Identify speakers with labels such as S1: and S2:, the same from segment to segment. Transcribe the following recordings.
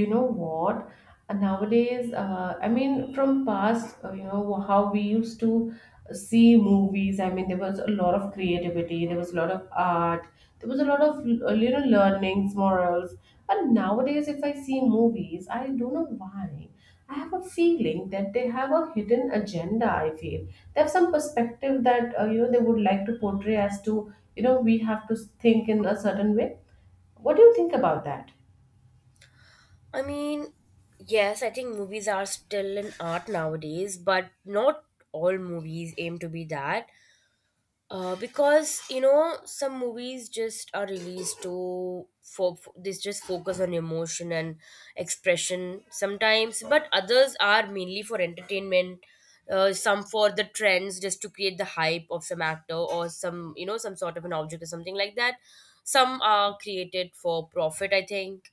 S1: You know what? Nowadays, I mean, from past, you know, how we used to see movies. I mean, there was a lot of creativity, there was a lot of art, there was a lot of you know, learnings, morals. But nowadays, if I see movies, I don't know why I have a feeling that they have a hidden agenda. I feel they have some perspective that you know, they would like to portray, as to you know we have to think in a certain way. What do you think about that?
S2: I mean, yes, I think movies are still an art nowadays, but not all movies aim to be that. Because you know some movies just are released for this just focus on emotion and expression sometimes, but others are mainly for entertainment. Some for the trends, just to create the hype of some actor or some you know some sort of an object or something like that. Some are created for profit, I think.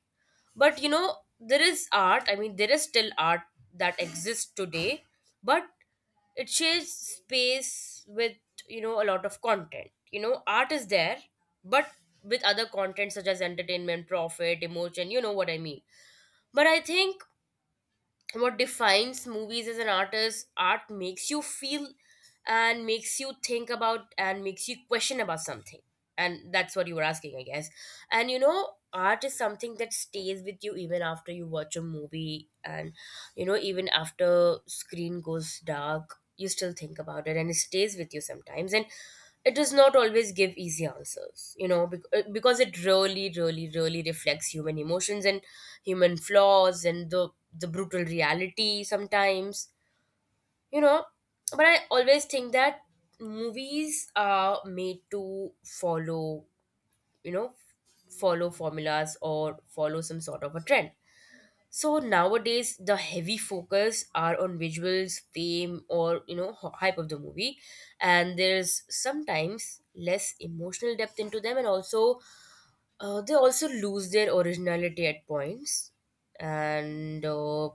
S2: But you know there is art, I mean there is still art that exists today, but it shares space with, you know, a lot of content. You know, art is there, but with other content such as entertainment, profit, emotion, you know what I mean. But I think what defines movies as an art is art makes you feel, and makes you think about, and makes you question about something. And that's what you were asking, I guess. And you know art is something that stays with you even after you watch a movie, and you know even after screen goes dark you still think about it and it stays with you sometimes. And it does not always give easy answers, you know, because it really really really reflects human emotions and human flaws and the brutal reality sometimes, you know. But I always think that movies are made to follow, you know, follow formulas or follow some sort of a trend. So nowadays, the heavy focus are on visuals, fame, or you know hype of the movie, and there's sometimes less emotional depth into them, and also they also lose their originality at points, and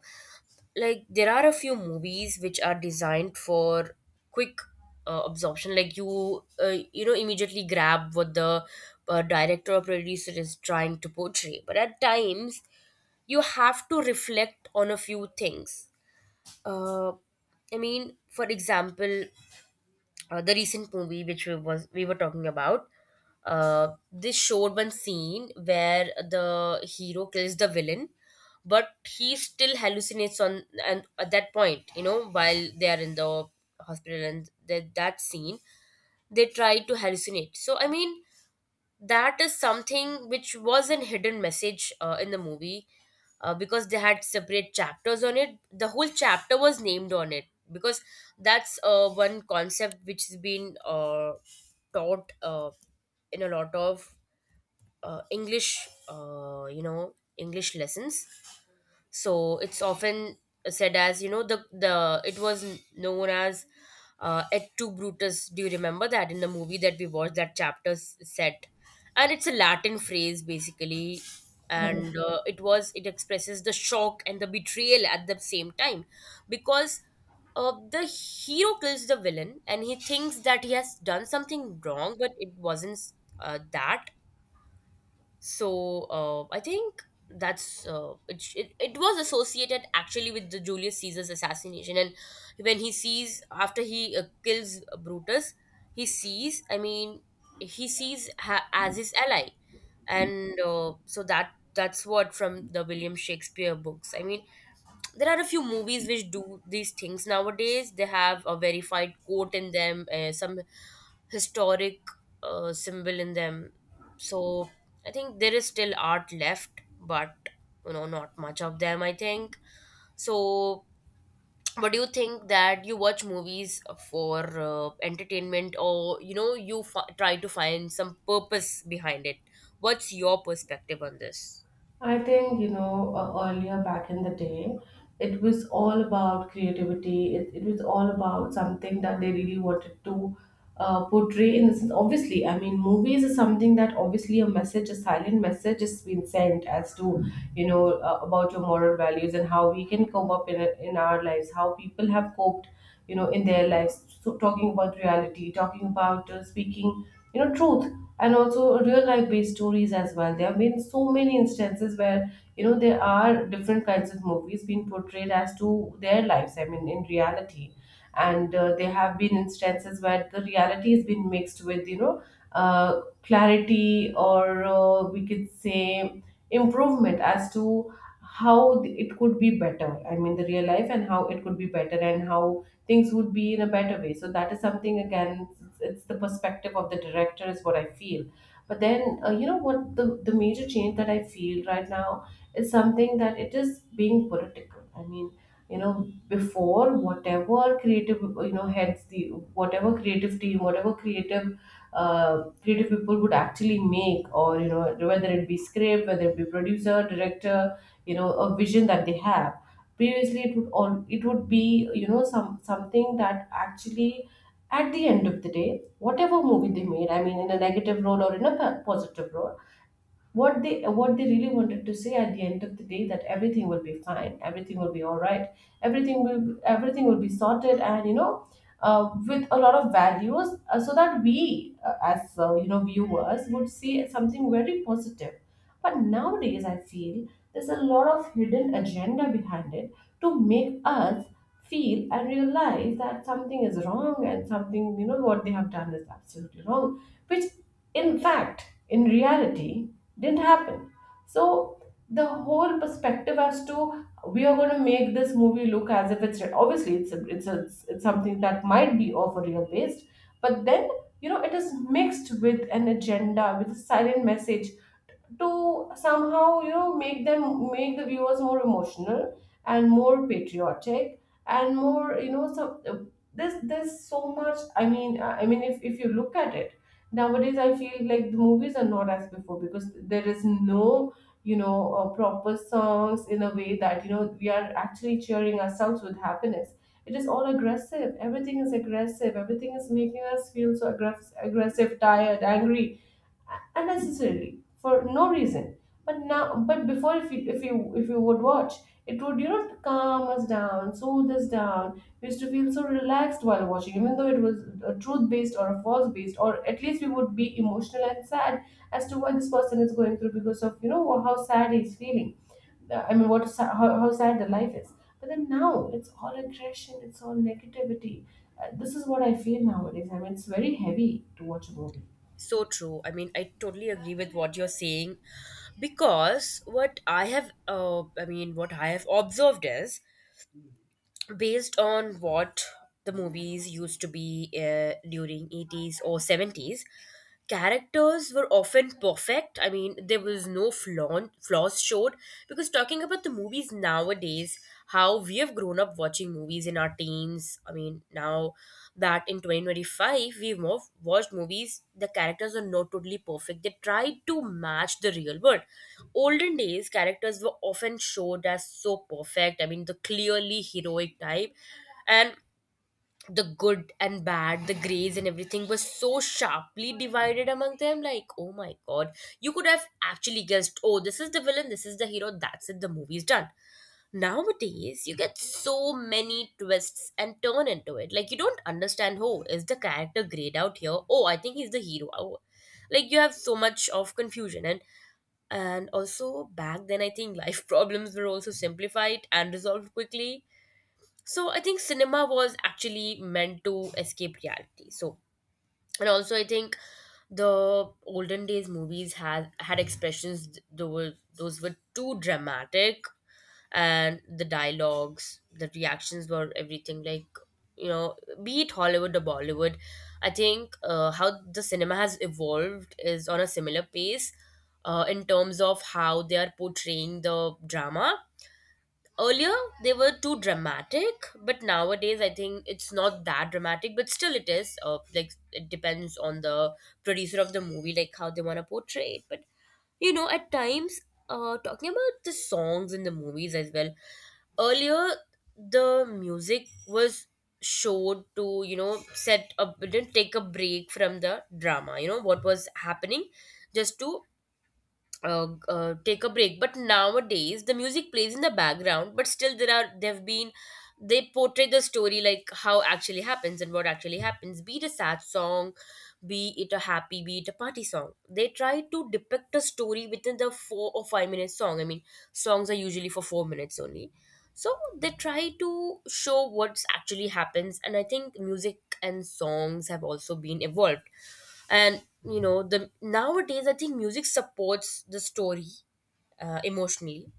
S2: like there are a few movies which are designed for quick absorption, like you know immediately grab what the director or producer is trying to portray, but at times you have to reflect on a few things. uh, I mean, for example, the recent movie which we were talking about. This showed one scene where the hero kills the villain, but he still hallucinates on, and at that point, you know, while they are in the hospital, and that scene they try to hallucinate. So I mean that is something which was an hidden message, in the movie, because they had separate chapters on it. The whole chapter was named on it, because that's one concept which has been taught, in a lot of English, you know, English lessons. So it's often said as, you know, the it was known as, Et tu Brutus. Do you remember that in the movie that we watched, that chapter set? And it's a Latin phrase basically, and it expresses the shock and the betrayal at the same time, because the hero kills the villain and he thinks that he has done something wrong, but it wasn't that. So I think that's it. It was associated actually with the Julius Caesar's assassination, and when he sees, after he kills Brutus, he sees. I mean, he sees as his ally, and so that's what from the William Shakespeare books. I mean, there are a few movies which do these things nowadays. They have a verified quote in them, some historic, symbol in them. So I think there is still art left, but you know not much of them, I think. So what do you think, that you watch movies for entertainment, or you know try to find some purpose behind it? What's your perspective on this?
S1: I think, you know, earlier back in the day, it was all about creativity. It was all about something that they really wanted to portray. In the sense, obviously, I mean, movies is something that obviously a message, a silent message has been sent as to, you know, about your moral values and how we can come up in our lives, how people have coped, you know, in their lives. So, talking about reality, talking about speaking, you know, truth, and also real life based stories as well. There have been so many instances where you know there are different kinds of movies being portrayed as to their lives, I mean, in reality. And there have been instances where the reality has been mixed with, you know, clarity, or we could say improvement, as to how it could be better, I mean, the real life, and how it could be better and how things would be in a better way. So that is something again. It's the perspective of the director is what I feel. But then, you know what, the major change that I feel right now is something that it is being political. I mean, you know, before whatever creative, you know, heads, the whatever creative team, whatever creative creative people would actually make, or you know, whether it be script, whether it be producer, director, you know, a vision that they have, previously it would all, it would be, you know, some something that actually at the end of the day, whatever movie they made, I mean, in a negative role or in a positive role, what they really wanted to say at the end of the day, that everything will be fine, everything will be all right, everything will be sorted, and you know, with a lot of values, so that we, as, you know, viewers would see something very positive. But nowadays I feel there's a lot of hidden agenda behind it, to make us feel and realize that something is wrong, and something, you know, what they have done is absolutely wrong, which in fact in reality didn't happen. So the whole perspective, as to, we are going to make this movie look as if it's real. Obviously it's a, it's, a, it's it's something that might be of a real based, but then you know it is mixed with an agenda, with a silent message, to somehow, you know, make the viewers more emotional, and more patriotic, and more, you know, some this, there's so much, I mean, I mean, if you look at it, nowadays I feel like the movies are not as before, because there is no, you know, proper songs, in a way that, you know, we are actually cheering ourselves with happiness. It is all aggressive, everything is aggressive, everything is making us feel so aggressive, aggressive, tired, angry, unnecessarily, for no reason. But before, if you, if you would watch, it would, you know, calm us down, soothe us down, we used to feel so relaxed while watching, even though it was a truth based or a false based, or at least we would be emotional and sad as to what this person is going through, because of, you know, how sad he's feeling. I mean, how sad the life is. But then now it's all aggression, it's all negativity. This is what I feel nowadays. I mean, it's very heavy to watch a movie.
S2: So true. I mean, I totally agree with what you're saying because I mean, what I have observed is based on what the movies used to be during 80s or 70s, characters were often perfect. I mean, there was no flaws showed because talking about the movies nowadays, how we have grown up watching movies in our teens. I mean, now that in 2025 we've more watched movies, the characters are not totally perfect. They try to match the real world. Olden days, characters were often showed as so perfect. I mean, the clearly heroic type and the good and bad, the grays and everything was so sharply divided among them. Like, oh my god, you could have actually guessed, oh, this is the villain, this is the hero, that's it, the movie's done. Nowadays, you get so many twists and turn into it. Like, you don't understand, oh, is the character grayed out here? Oh, I think he's the hero. Oh, like, you have so much of confusion. And also, back then, I think life problems were also simplified and resolved quickly. So, I think cinema was actually meant to escape reality. So, and also I think the olden days movies had expressions th- that were those were too dramatic, and the dialogues, the reactions were everything, like you know, be it Hollywood or Bollywood, I think how the cinema has evolved is on a similar pace, in terms of how they are portraying the drama. Earlier, they were too dramatic, but nowadays I think it's not that dramatic, but still it is. Like, it depends on the producer of the movie, like how they want to portray it. But, you know, at times, talking about the songs in the movies as well, earlier the music was showed to, you know, set up, didn't take a break from the drama, you know, what was happening, just to take a break. But nowadays the music plays in the background, but still there have been, they portray the story like how actually happens and what actually happens, be it a sad song, be it a happy, be it a party song. They try to depict a story within the 4 or 5 minute song. I mean, songs are usually for 4 minutes only. So they try to show what's actually happens, and I think music and songs have also been evolved. And you know the nowadays I think music supports the story emotionally,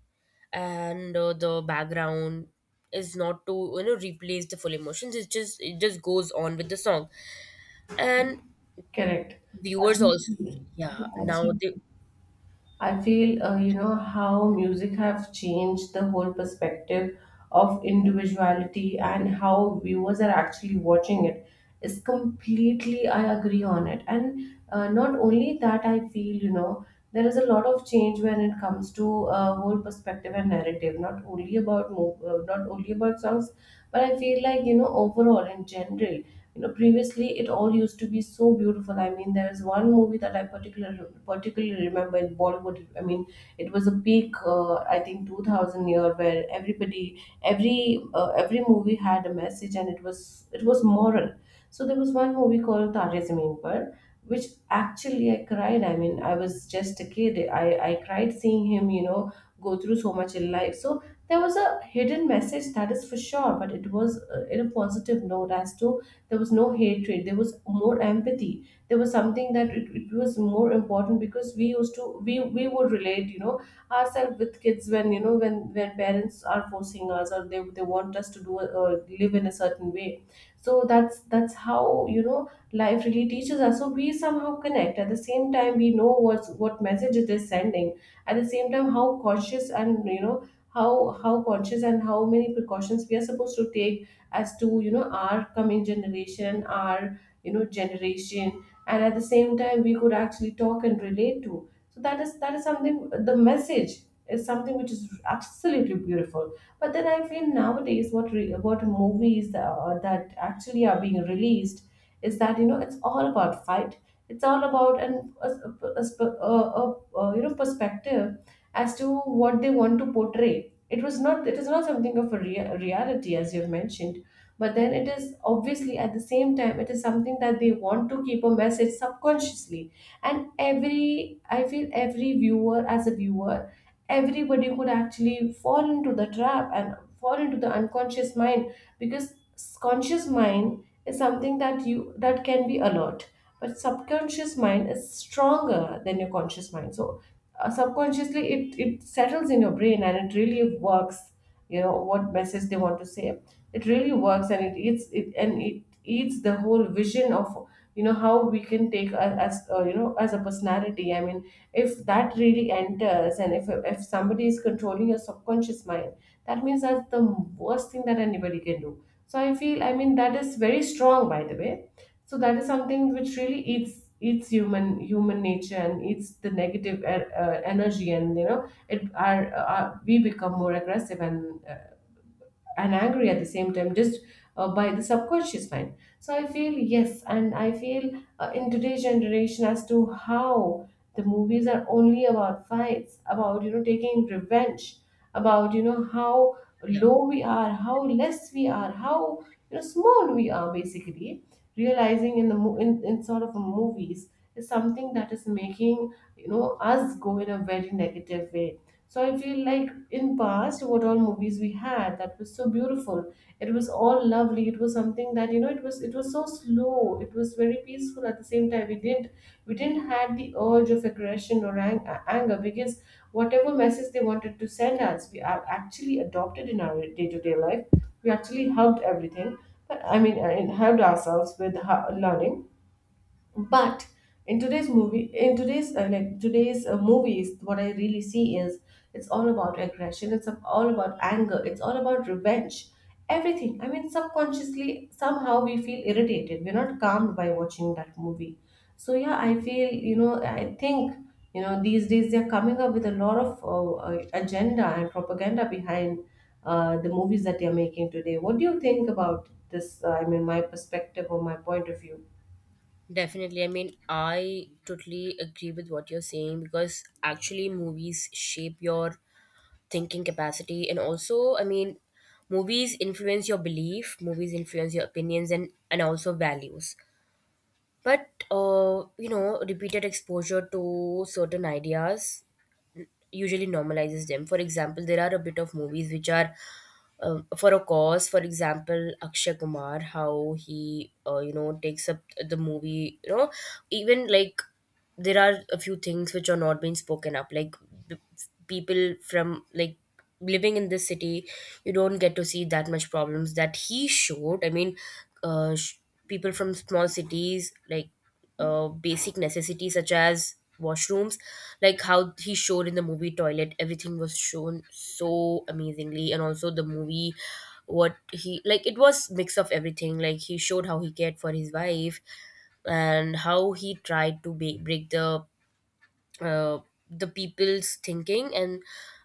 S2: and the background is not to you know replace the full emotions. It just goes on with the song. And
S1: Correct.
S2: viewers also,
S1: Absolutely.
S2: yeah,
S1: Yeah,
S2: now they,
S1: absolutely. I feel, you know, how music have changed the whole perspective of individuality, and how viewers are actually watching it, is completely, I agree on it. And not only that, I feel, you know, there is a lot of change when it comes to whole perspective and narrative, not only about not only about songs, but I feel like, you know, overall in general, you know, previously it all used to be so beautiful. I mean, there is one movie that I particularly remember in Bollywood. I mean, it was a peak, I think 2000 year, where everybody, every movie had a message, and it was moral. So there was one movie called Taare Zameen Par, which actually I cried, I mean, I was just a kid. I cried seeing him, you know, go through so much in life. So there was a hidden message, that is for sure, but it was, in a positive note, as to, there was no hatred, there was more empathy. There was something that it was more important, because we used to we would relate, you know, ourselves with kids, when, you know, when parents are forcing us, or they want us to or live in a certain way. So that's how, you know, life really teaches us. So we somehow connect. At the same time we know what message it is sending. At the same time, how cautious, and you know, how conscious, and how many precautions we are supposed to take, as to, you know, our coming generation, our, you know, generation, and at the same time we could actually talk and relate to. So that is, something the message is something which is absolutely beautiful. But then I feel, nowadays, what movies that actually are being released, is that, you know, it's all about fight, it's all about an a, a, a, a, a, you know, perspective, as to what they want to portray. It is not something of a reality, as you've mentioned, but then it is, obviously, at the same time, it is something that they want to keep a message subconsciously. And every I feel every viewer, as a viewer, everybody could actually fall into the trap, and fall into the unconscious mind, because conscious mind is something that can be alert, but subconscious mind is stronger than your conscious mind. So subconsciously, it settles in your brain, and it really works, you know, what message they want to say. It really works, and it eats the whole vision of, you know, how we can take us as, you know, as a personality, I mean, if that really enters, and if somebody is controlling your subconscious mind, that means that's the worst thing that anybody can do. So I feel, I mean, that is very strong, by the way. So that is something which really eats human nature, and eats the negative energy. And you know, it are we become more aggressive, and and angry at the same time, just by the subconscious mind. So I feel, yes, and I feel, in today's generation, as to how the movies are only about fights, about, you know, taking revenge, about, you know, how
S2: yeah.
S1: low we are, how less we are, how, you know, small we are, basically, realizing, in the mo- in sort of movies, is something that is making, you know, us go in a very negative way. So I feel like, in past, what all movies we had, that was so beautiful. It was all lovely. It was something that you know. It was so slow. It was very peaceful at the same time. We didn't had the urge of aggression, or anger, because whatever message they wanted to send us, we actually adopted in our day to day life. We actually helped everything. But I mean, helped ourselves with learning. But in today's movie, in today's movies, what I really see is it's all about aggression, it's all about anger, it's all about revenge. Everything, I mean, subconsciously somehow we feel irritated, we're not calmed by watching that movie. So yeah, I feel, you know, I think, you know, these days they're coming up with a lot of agenda and propaganda behind the movies that they're making today. What do you think about this? I mean, my perspective or my point of view.
S2: Definitely. I mean, I totally agree with what you're saying because actually movies shape your thinking capacity, and also, I mean, movies influence your belief, movies influence your opinions and also values. But you know, repeated exposure to certain ideas usually normalizes them. For example, there are a bit of movies which are, for a cause. For example, Akshay Kumar, how he you know takes up the movie. You know, even like there are a few things which are not being spoken up, like the people from like living in this city, you don't get to see that much problems that he showed. I mean, uh, sh- people from small cities, like basic necessities such as washrooms, like how he showed in the movie Toilet, everything was shown so amazingly. And also the movie what he, like it was mix of everything, like he showed how he cared for his wife, and how he tried to break the, uh, the people's thinking, and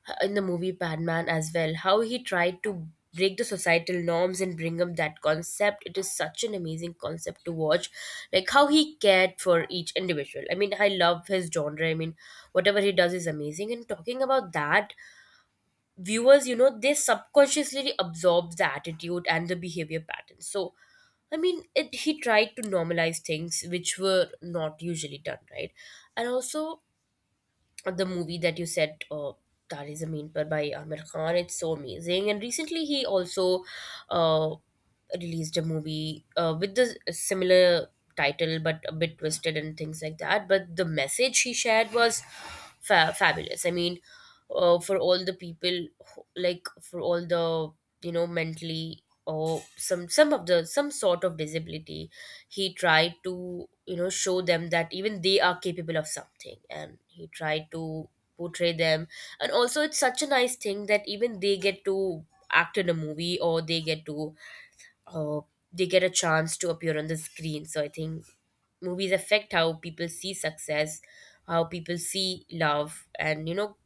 S2: uh, in the movie Padman as well, how he tried to break the societal norms and bring up that concept. It is such an amazing concept to watch, like how he cared for each individual. I mean, I love his genre. I mean, whatever he does is amazing. And talking about that, viewers, you know, they subconsciously absorb the attitude and the behavior patterns. So, I mean, he tried to normalize things which were not usually done, right? And also, the movie that you said, Tare Zameen Par by Amir Khan. It's so amazing. And recently he also uh, released a movie with the similar title but a bit twisted and things like that. But the message he shared was fabulous. I mean, for all the people, like for all the mentally or some sort of disability he tried to show them that even they are capable of something, and he tried to portray them. And also, it's such a nice thing that even they get to act in a movie or they get to uh, they get a chance to appear on the screen. So I think movies affect how people see success, how people see love, and you know,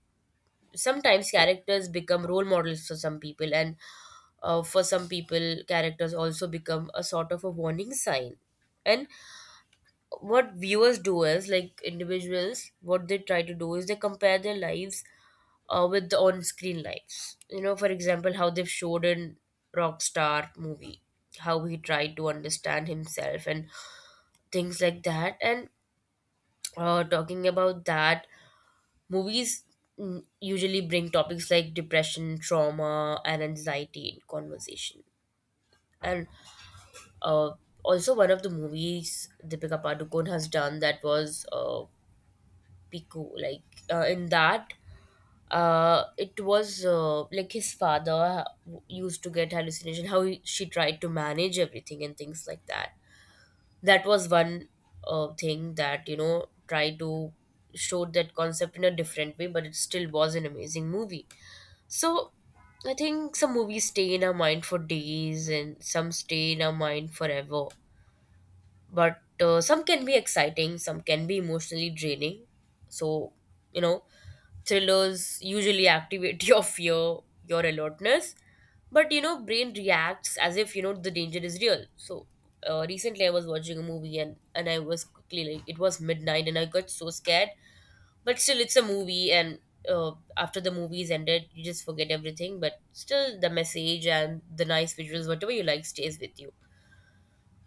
S2: sometimes characters become role models for some people, and for some people characters also become a sort of a warning sign. And what viewers do is, like, individuals, what they try to do is they compare their lives with the on-screen lives. You know, for example, how they've showed in Rockstar movie how he tried to understand himself and things like that. And talking about that, movies usually bring topics like depression, trauma, and anxiety in conversation. And uh, also, one of the movies Deepika Padukone has done, that was Piku. Like, in that, it was like his father used to get hallucination. She tried to manage everything and things like that. That was one thing that, you know, tried to show that concept in a different way, but it still was an amazing movie. So I think some movies stay in our mind for days and some stay in our mind forever. But some can be exciting, some can be emotionally draining. So, you know, thrillers usually activate your fear, your alertness, but you know, brain reacts as if, you know, the danger is real. So recently, I was watching a movie, and I was quickly, like, it was midnight and I got so scared. But still, it's a movie, and after the movie is ended, you just forget everything. But still, the message and the nice visuals, whatever you like, stays with you.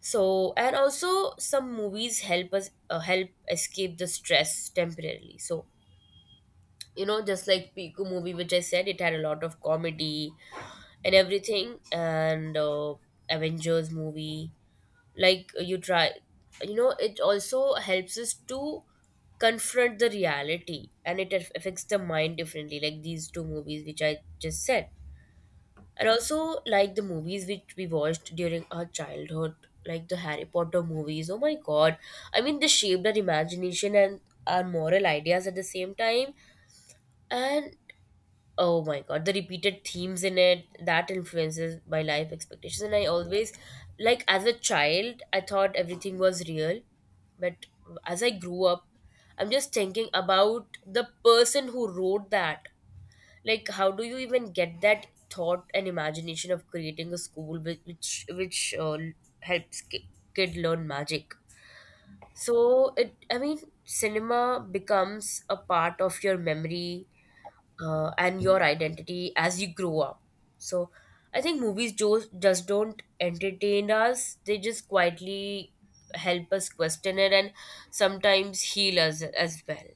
S2: So, and also some movies help us help escape the stress temporarily. So you know, just like Piku movie which I said, it had a lot of comedy and everything, and Avengers movie, like you try, you know, it also helps us to confront the reality and it affects the mind differently, like these two movies which I just said. And also, like the movies which we watched during our childhood, like the Harry Potter movies, oh my god, I mean, they shaped our imagination and our moral ideas at the same time. And oh my god, the repeated themes in it that influences my life expectations. And I always, like, as a child, I thought everything was real. But as I grew up, I'm just thinking about the person who wrote that. Like, how do you even get that thought and imagination of creating a school which helps kid learn magic? So it, I mean, cinema becomes a part of your memory and your identity as you grow up. So I think movies just don't entertain us, they just quietly help us question it and sometimes heal us as well,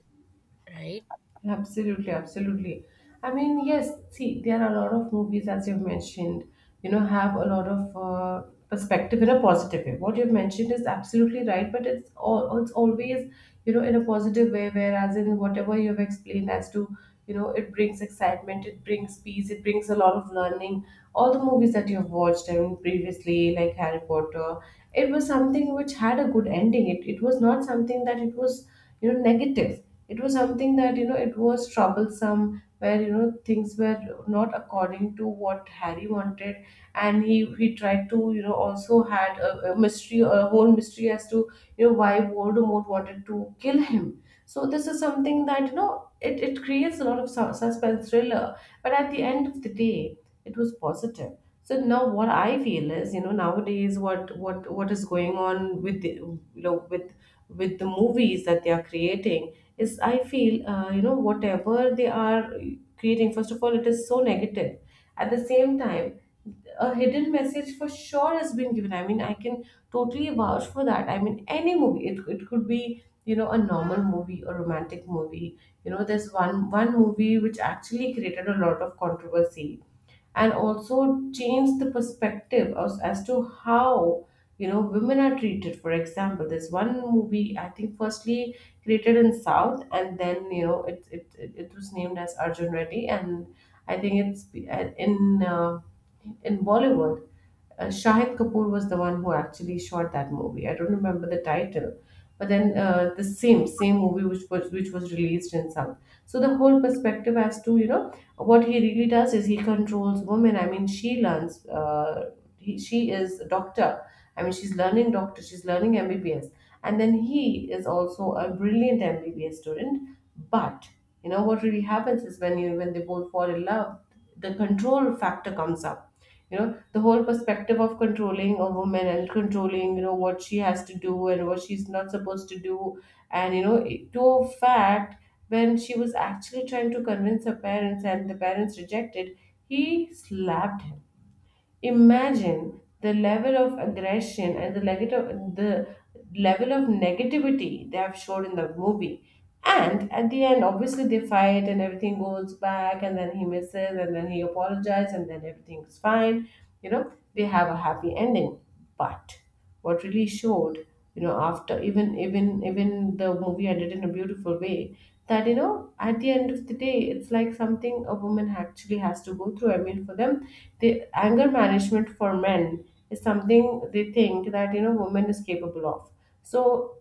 S2: right?
S1: Absolutely, absolutely. I mean, yes, see, there are a lot of movies, as you've mentioned, you know, have a lot of perspective in a positive way. What you've mentioned is absolutely right, but it's all, it's always, you know, in a positive way, whereas in whatever you've explained as to, you know, it brings excitement, it brings peace, it brings a lot of learning. All the movies that you've watched, I mean, previously, like Harry Potter, it was something which had a good ending. It was not something that it was, you know, negatives. It was something that, you know, it was troublesome, where, you know, things were not according to what Harry wanted. And he tried to, you know, also had a mystery, a whole mystery as to, you know, why Voldemort wanted to kill him. So this is something that, you know, it creates a lot of suspense thriller, but at the end of the day it was positive. So now what I feel is, you know, nowadays what what is going on with the, you know, with the movies that they are creating is, I feel, you know, whatever they are creating, first of all it is so negative. At the same time, a hidden message for sure has been given. I mean, I can totally vouch for that. I mean, any movie, it could be, you know, a normal movie, a romantic movie. You know, there's one movie which actually created a lot of controversy and also change the perspective as to how, you know, women are treated. For example, there's one movie, I think, firstly created in South, and then, you know, it was named as Arjun Reddy. And I think it's in in Bollywood. Shahid Kapoor was the one who actually shot that movie. I don't remember the title, but then the same movie which was released in South. So the whole perspective as to, you know, what he really does is he controls women. I mean, she learns. He, she is a doctor. I mean, she's learning doctor. She's learning MBBS, and then he is also a brilliant MBBS student. But you know what really happens is when you when they both fall in love, the control factor comes up, you know, the whole perspective of controlling a woman and controlling, you know, what she has to do and what she's not supposed to do. And you know it- to a fact, when she was actually trying to convince her parents and the parents rejected, he slapped him. Imagine the level of aggression and the negative, the level of negativity they have showed in the movie. And at the end, obviously, they fight and everything goes back, and then he misses and then he apologizes and then everything's fine. You know, they have a happy ending. But what really showed, you know, after even the movie I did in a beautiful way, that, you know, at the end of the day it's like something a woman actually has to go through. I mean, for them, the anger management for men is something they think that, you know, woman is capable of. So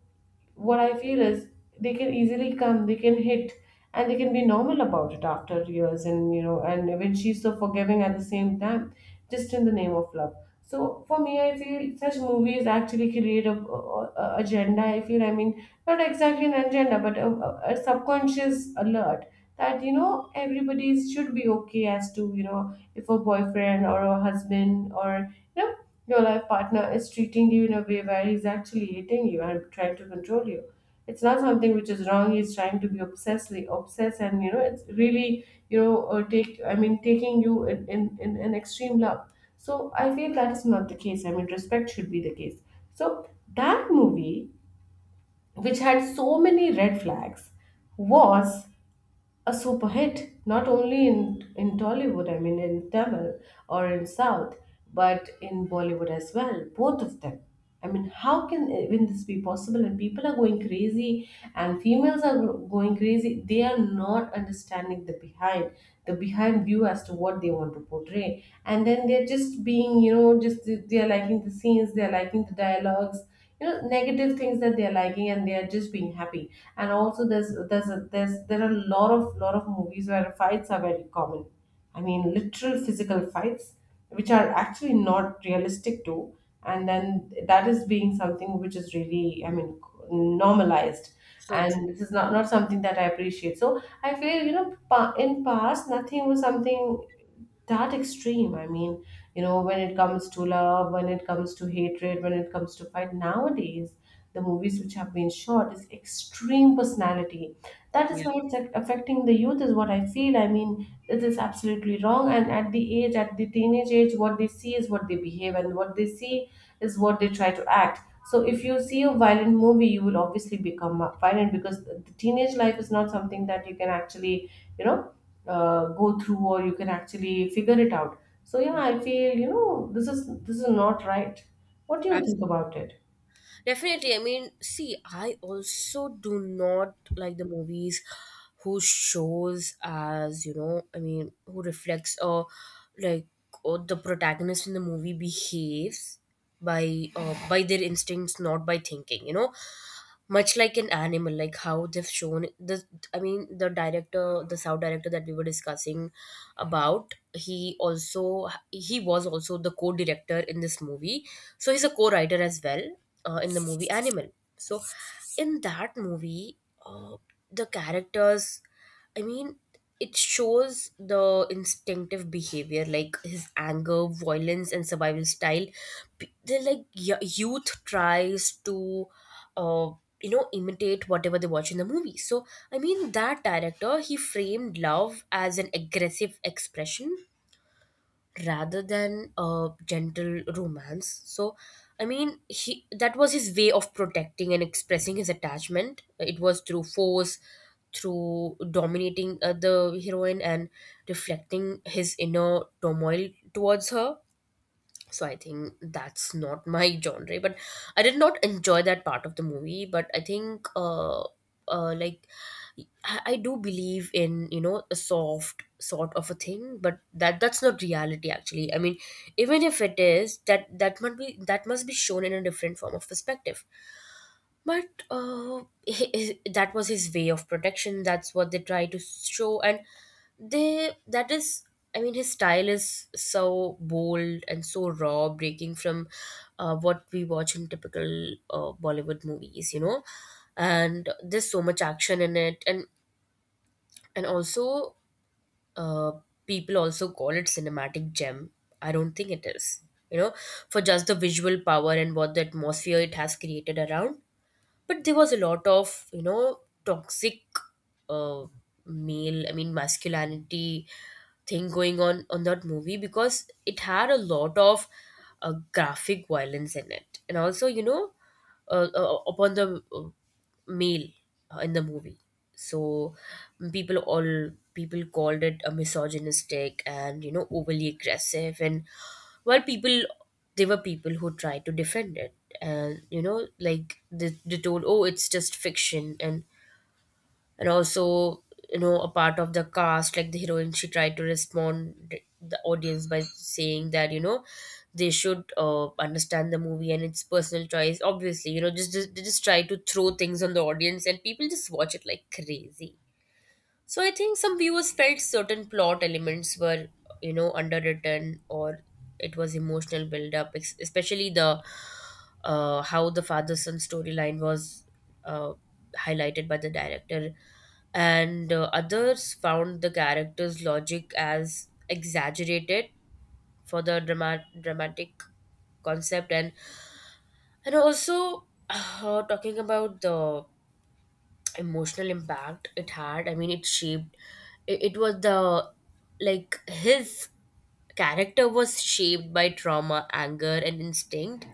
S1: what I feel is they can easily come, they can hit, and they can be normal about it after years. And you know, and when she's so forgiving at the same time, just in the name of love. So for me, I feel such movies actually create a agenda. I feel, I mean, not exactly an agenda, but a subconscious alert that, you know, everybody should be okay as to, you know, if a boyfriend or a husband or, you know, your life partner is treating you in a way where he's actually hating you and trying to control you. It's not something which is wrong. He's trying to be obsessively obsessed, and, you know, it's really you know, take, I mean, taking you in in an extreme love. So I feel that is not the case. I mean, respect should be the case. So that movie, which had so many red flags, was a super hit not only in Tollywood, I mean, in Tamil or in South, but in Bollywood as well, both of them. I mean, how can even this be possible? And people are going crazy, and females are going crazy. They are not understanding the behind, the behind view as to what they want to portray, and then they're just being, you know, just they are liking the scenes, they're liking the dialogues, you know, negative things that they're liking, and they're just being happy. And also there's there are a lot of movies where fights are very common. I mean, literal physical fights, which are actually not realistic too. And then that is being something which is really, I mean, normalized.
S2: So
S1: And
S2: true.
S1: this is not, not something that I appreciate. So I feel, you know, in past, nothing was something that extreme. I mean, you know, when it comes to love, when it comes to hatred, when it comes to fight nowadays, the movies which have been shot is extreme personality. That is
S2: Yeah.
S1: why it's like affecting the youth, is what I feel. I mean, it is absolutely wrong. And at the age, at the teenage age, what they see is what they behave, and what they see is what they try to act. So if you see a violent movie, you will obviously become violent, because the teenage life is not something that you can actually, you know, go through or you can actually figure it out. So yeah,
S2: Yeah.
S1: I feel, you know, this is not right. What do you
S2: Absolutely.
S1: think about it?
S2: Definitely. I mean, see, I also do not like the movies whose shows as, you know, I mean, who reflects or like or the protagonist in the movie behaves by their instincts, not by thinking, you know. Much like an animal, like how they've shown the, I mean, the director, the sound director that we were discussing about, he also, he was also the co-director in this movie, so he's a co-writer as well in the movie Animal. So, in that movie, uh, the characters, I mean, it shows the instinctive behavior like his anger, violence, and survival style. They're like youth tries to, uh, you know, imitate whatever they watch in the movie. So, I mean, that director, he framed love as an aggressive expression rather than a gentle romance. So, I mean, he, that was his way of protecting and expressing his attachment. It was through force, through dominating the heroine and reflecting his inner turmoil towards her. So I think that's not my genre, but I did not enjoy that part of the movie. But I think like, I do believe in, you know, a soft sort of a thing, but that's not reality actually. I mean, even if it is, that might be, that must be shown in a different form of perspective. But that was his way of protection. That's what they try to show, and they that is. I mean, his style is so bold and so raw, breaking from what we watch in typical Bollywood movies, you know. And there's so much action in it, and also uh, people also call it cinematic gem. I don't think it is, you know, for just the visual power and what the atmosphere it has created around. But there was a lot of, you know, toxic uh, male, I mean, masculinity thing going on that movie, because it had a lot of graphic violence in it, and also, you know, upon the male in the movie. So people, all people called it a misogynistic and, you know, overly aggressive. And while people, there were people who tried to defend it, and, you know, like, they told, oh, it's just fiction, and also, you know, a part of the cast, like the heroine, she tried to respond the audience by saying that, you know, they should understand the movie and its personal choice. Obviously, you know, just they just try to throw things on the audience and people just watch it like crazy. So I think some viewers felt certain plot elements were, you know, underwritten, or it was emotional build up, especially the how the father son storyline was uh, highlighted by the director, and others found the character's logic as exaggerated for the dramatic concept. And also talking about the emotional impact it had, I mean, it shaped, it was the, like his character was shaped by trauma, anger, and instinct.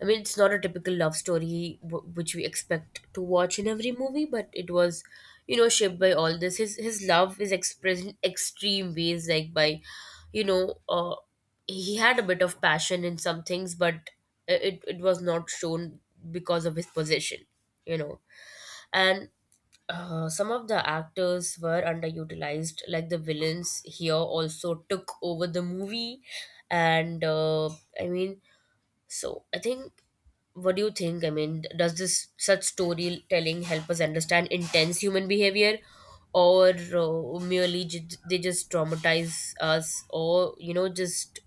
S2: I mean, it's not a typical love story which we expect to watch in every movie, but it was, you know, shaped by all this. His love is expressed in extreme ways, like by, you know, he had a bit of passion in some things, but it was not shown because of his position, you know. And some of the actors were underutilized, like the villains here also took over the movie. And I mean, so I think, what do you think? I mean, does this such storytelling help us understand intense human behavior, or merely they just traumatize us, or, you know, just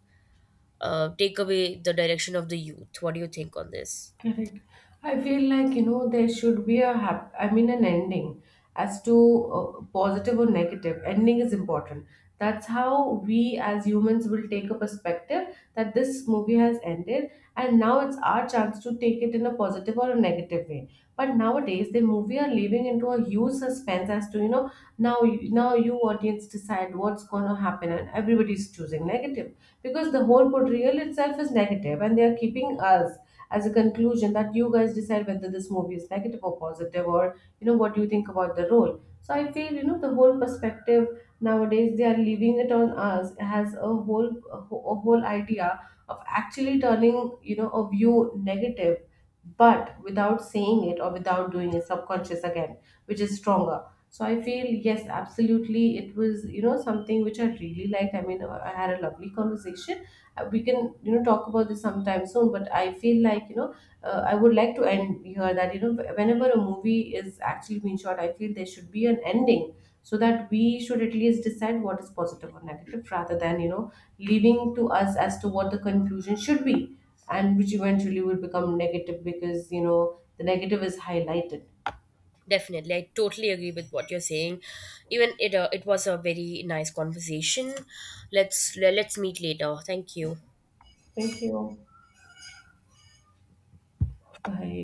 S2: take away the direction of the youth? What do you think on this?
S1: Correct. I feel like, you know, there should be a I mean, an ending as to positive or negative. Ending is important. That's how we as humans will take a perspective that this movie has ended, and now it's our chance to take it in a positive or a negative way. But nowadays, the movie are leaving into a huge suspense as to, you know, now you audience decide what's going to happen, and everybody's choosing negative because the whole portrayal itself is negative, and they are keeping us as a conclusion that you guys decide whether this movie is negative or positive, or you know what you think about the role. So I feel, you know, the whole perspective nowadays, they are leaving it on us has a whole a whole idea of actually turning, you know, a view negative, but without saying it or without doing it, subconscious again, which is stronger. So I feel, yes, absolutely, it was, you know, something which I really liked. I mean, I had a lovely conversation. We can, you know, talk about this sometime soon, but I feel like, you know, I would like to end here that, you know, whenever a movie is actually being shot, I feel there should be an ending, so that we should at least decide what is positive or negative, rather than, you know, leaving to us as to what the conclusion should be, and which eventually will become negative because, you know, the negative is highlighted.
S2: Definitely, I totally agree with what you're saying. Even it, it was a very nice conversation. Let's meet later. Thank you.
S1: Thank you. Bye.